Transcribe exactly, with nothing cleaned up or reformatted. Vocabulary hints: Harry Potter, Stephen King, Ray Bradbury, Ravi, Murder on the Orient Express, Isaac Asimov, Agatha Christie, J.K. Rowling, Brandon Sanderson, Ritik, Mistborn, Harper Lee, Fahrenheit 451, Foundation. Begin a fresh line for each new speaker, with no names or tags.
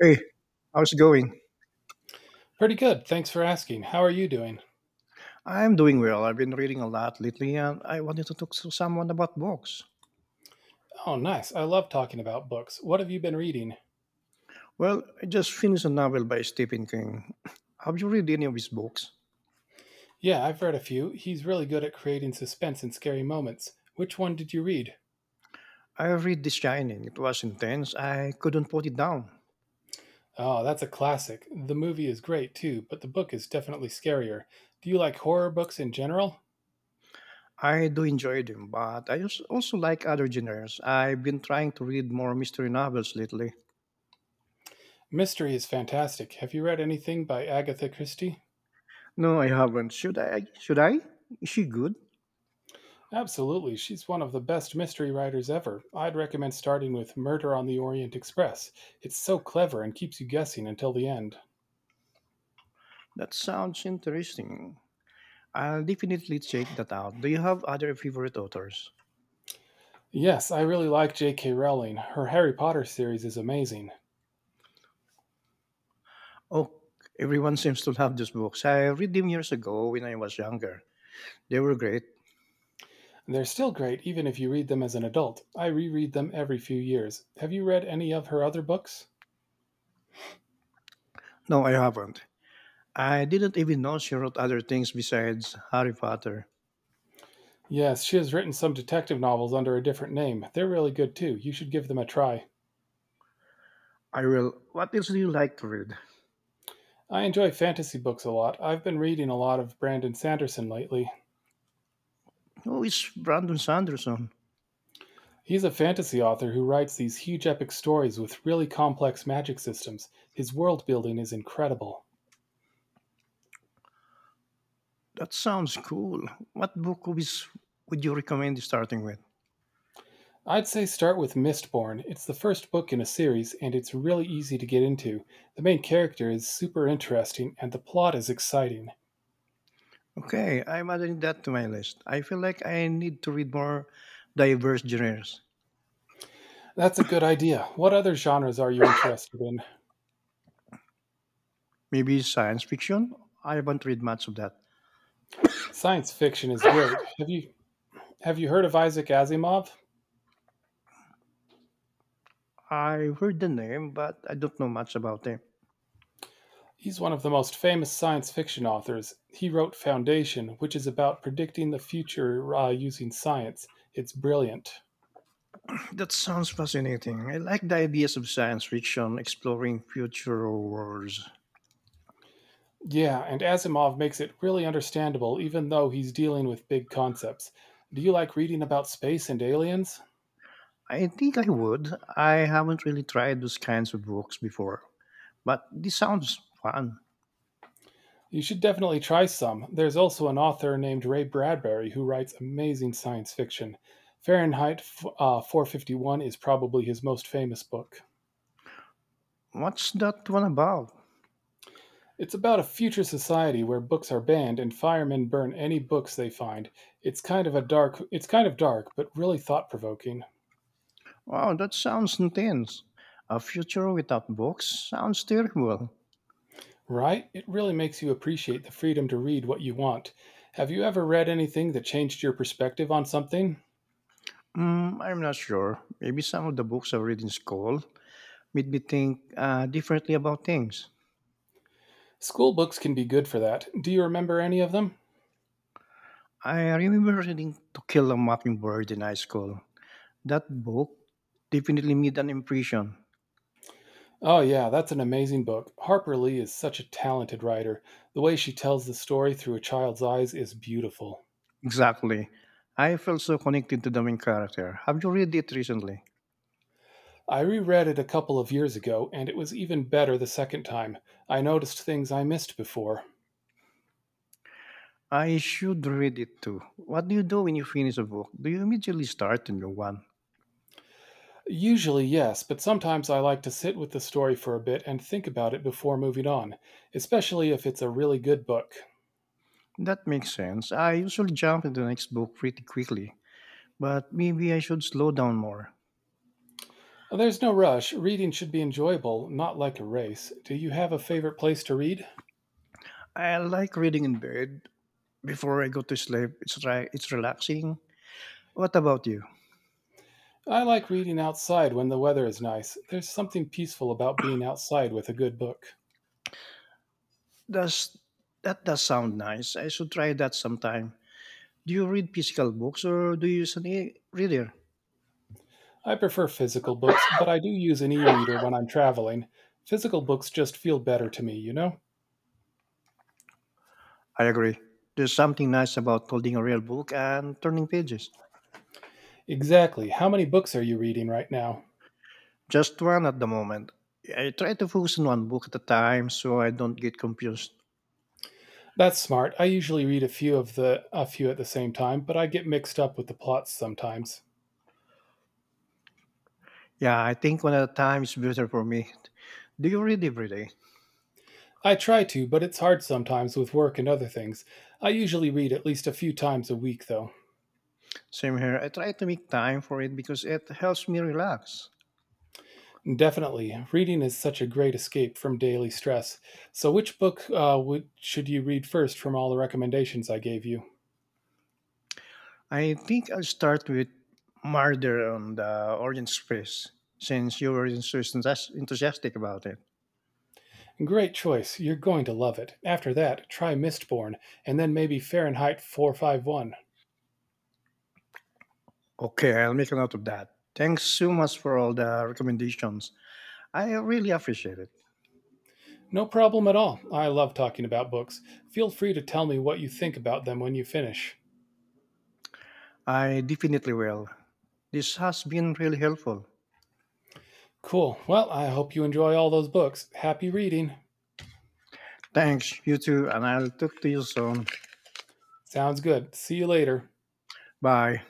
Hey, how's it going?
Pretty good. Thanks for asking. How are you doing?
I'm doing well. I've been reading a lot lately and I wanted to talk to someone about books.
Oh, nice. I love talking about books. What have you been reading?
Well, I just finished a novel by Stephen King. Have you read any of his books?
Yeah, I've read a few. He's really good at creating suspense and scary moments. Which one did you read?
I read The Shining. It was intense. I couldn't put it down.
Oh, that's a classic. The movie is great too, but the book is definitely scarier. Do you like horror books in general?
I do enjoy them, but I als- also like other genres. I've been trying to read more mystery novels lately.
Mystery is fantastic. Have you read anything by Agatha Christie?
No, I haven't. Should I? Should I? Is she good?
Absolutely. She's one of the best mystery writers ever. I'd recommend starting with Murder on the Orient Express. It's so clever and keeps you guessing until the end.
That sounds interesting. I'll definitely check that out. Do you have other favorite authors?
Yes, I really like J K. Rowling. Her Harry Potter series is amazing.
Oh, everyone seems to have these books. I read them years ago when I was younger. They were great.
They're still great even if you read them as an adult. I reread them every few years. Have you read any of her other books?
No, I haven't. I didn't even know she wrote other things besides Harry Potter.
Yes, she has written some detective novels under a different name. They're really good too. You should give them a try.
I will. What else do you like to read?
I enjoy fantasy books a lot. I've been reading a lot of Brandon Sanderson lately.
Oh, it's Brandon Sanderson.
He's a fantasy author who writes these huge epic stories with really complex magic systems. His world building is incredible.
That sounds cool. What book is, would you recommend starting with?
I'd say start with Mistborn. It's the first book in a series, and it's really easy to get into. The main character is super interesting, and the plot is exciting.
Okay, I'm adding that to my list. I feel like I need to read more diverse genres.
That's a good idea. What other genres are you interested in?
Maybe science fiction? I haven't read much of that.
Science fiction is great. Have you have you heard of Isaac Asimov?
I heard the name, but I don't know much about it.
He's one of the most famous science fiction authors. He wrote Foundation, which is about predicting the future uh, using science. It's brilliant.
That sounds fascinating. I like the ideas of science fiction exploring future worlds.
Yeah, and Asimov makes it really understandable even though he's dealing with big concepts. Do you like reading about space and aliens?
I think I would. I haven't really tried those kinds of books before, but this sounds fun.
You should definitely try some. There's also an author named Ray Bradbury who writes amazing science fiction. Fahrenheit f- uh, four fifty-one is probably his most famous book.
What's that one about?
It's about a future society where books are banned and firemen burn any books they find. It's kind of a dark it's kind of dark but really thought-provoking.
Wow, that sounds intense. A future without books sounds terrible.
Right? It really makes you appreciate the freedom to read what you want. Have you ever read anything that changed your perspective on something?
Mm, I'm not sure. Maybe some of the books I read in school made me think uh, differently about things.
School books can be good for that. Do you remember any of them?
I remember reading To Kill a Mockingbird in high school. That book definitely made an impression.
Oh, yeah, that's an amazing book. Harper Lee is such a talented writer. The way she tells the story through a child's eyes is beautiful.
Exactly. I felt so connected to the main character. Have you read it recently?
I reread it a couple of years ago, and it was even better the second time. I noticed things I missed before.
I should read it too. What do you do when you finish a book? Do you immediately start a new one?
Usually, yes, but sometimes I like to sit with the story for a bit and think about it before moving on, especially if it's a really good book.
That makes sense. I usually jump into the next book pretty quickly, but maybe I should slow down more.
Uh, There's no rush. Reading should be enjoyable, not like a race. Do you have a favorite place to read?
I like reading in bed before I go to sleep. It's, ri- it's relaxing. What about you?
I like reading outside when the weather is nice. There's something peaceful about being outside with a good book.
Does that does sound nice. I should try that sometime. Do you read physical books or do you use an e-reader?
I prefer physical books, but I do use an e reader when I'm traveling. Physical books just feel better to me, you know?
I agree. There's something nice about holding a real book and turning pages.
Exactly. How many books are you reading right now?
Just one at the moment. I try to focus on one book at a time so I don't get confused.
That's smart. I usually read a few of the a few at the same time, but I get mixed up with the plots sometimes.
Yeah, I think one at a time is better for me. Do you read every day?
I try to, but it's hard sometimes with work and other things. I usually read at least a few times a week though.
Same here. I try to make time for it because it helps me relax.
Definitely, reading is such a great escape from daily stress. So, which book uh, would, should you read first from all the recommendations I gave you?
I think I'll start with murder on the orange space, since you were so enthusi- enthusiastic about it.
Great choice. You're going to love it. After that, try Mistborn, and then maybe Fahrenheit four fifty-one.
Okay, I'll make a note of that. Thanks so much for all the recommendations. I really appreciate it.
No problem at all. I love talking about books. Feel free to tell me what you think about them when you finish.
I definitely will. This has been really helpful.
Cool. Well, I hope you enjoy all those books. Happy reading.
Thanks, you too, and I'll talk to you soon.
Sounds good. See you later.
Bye.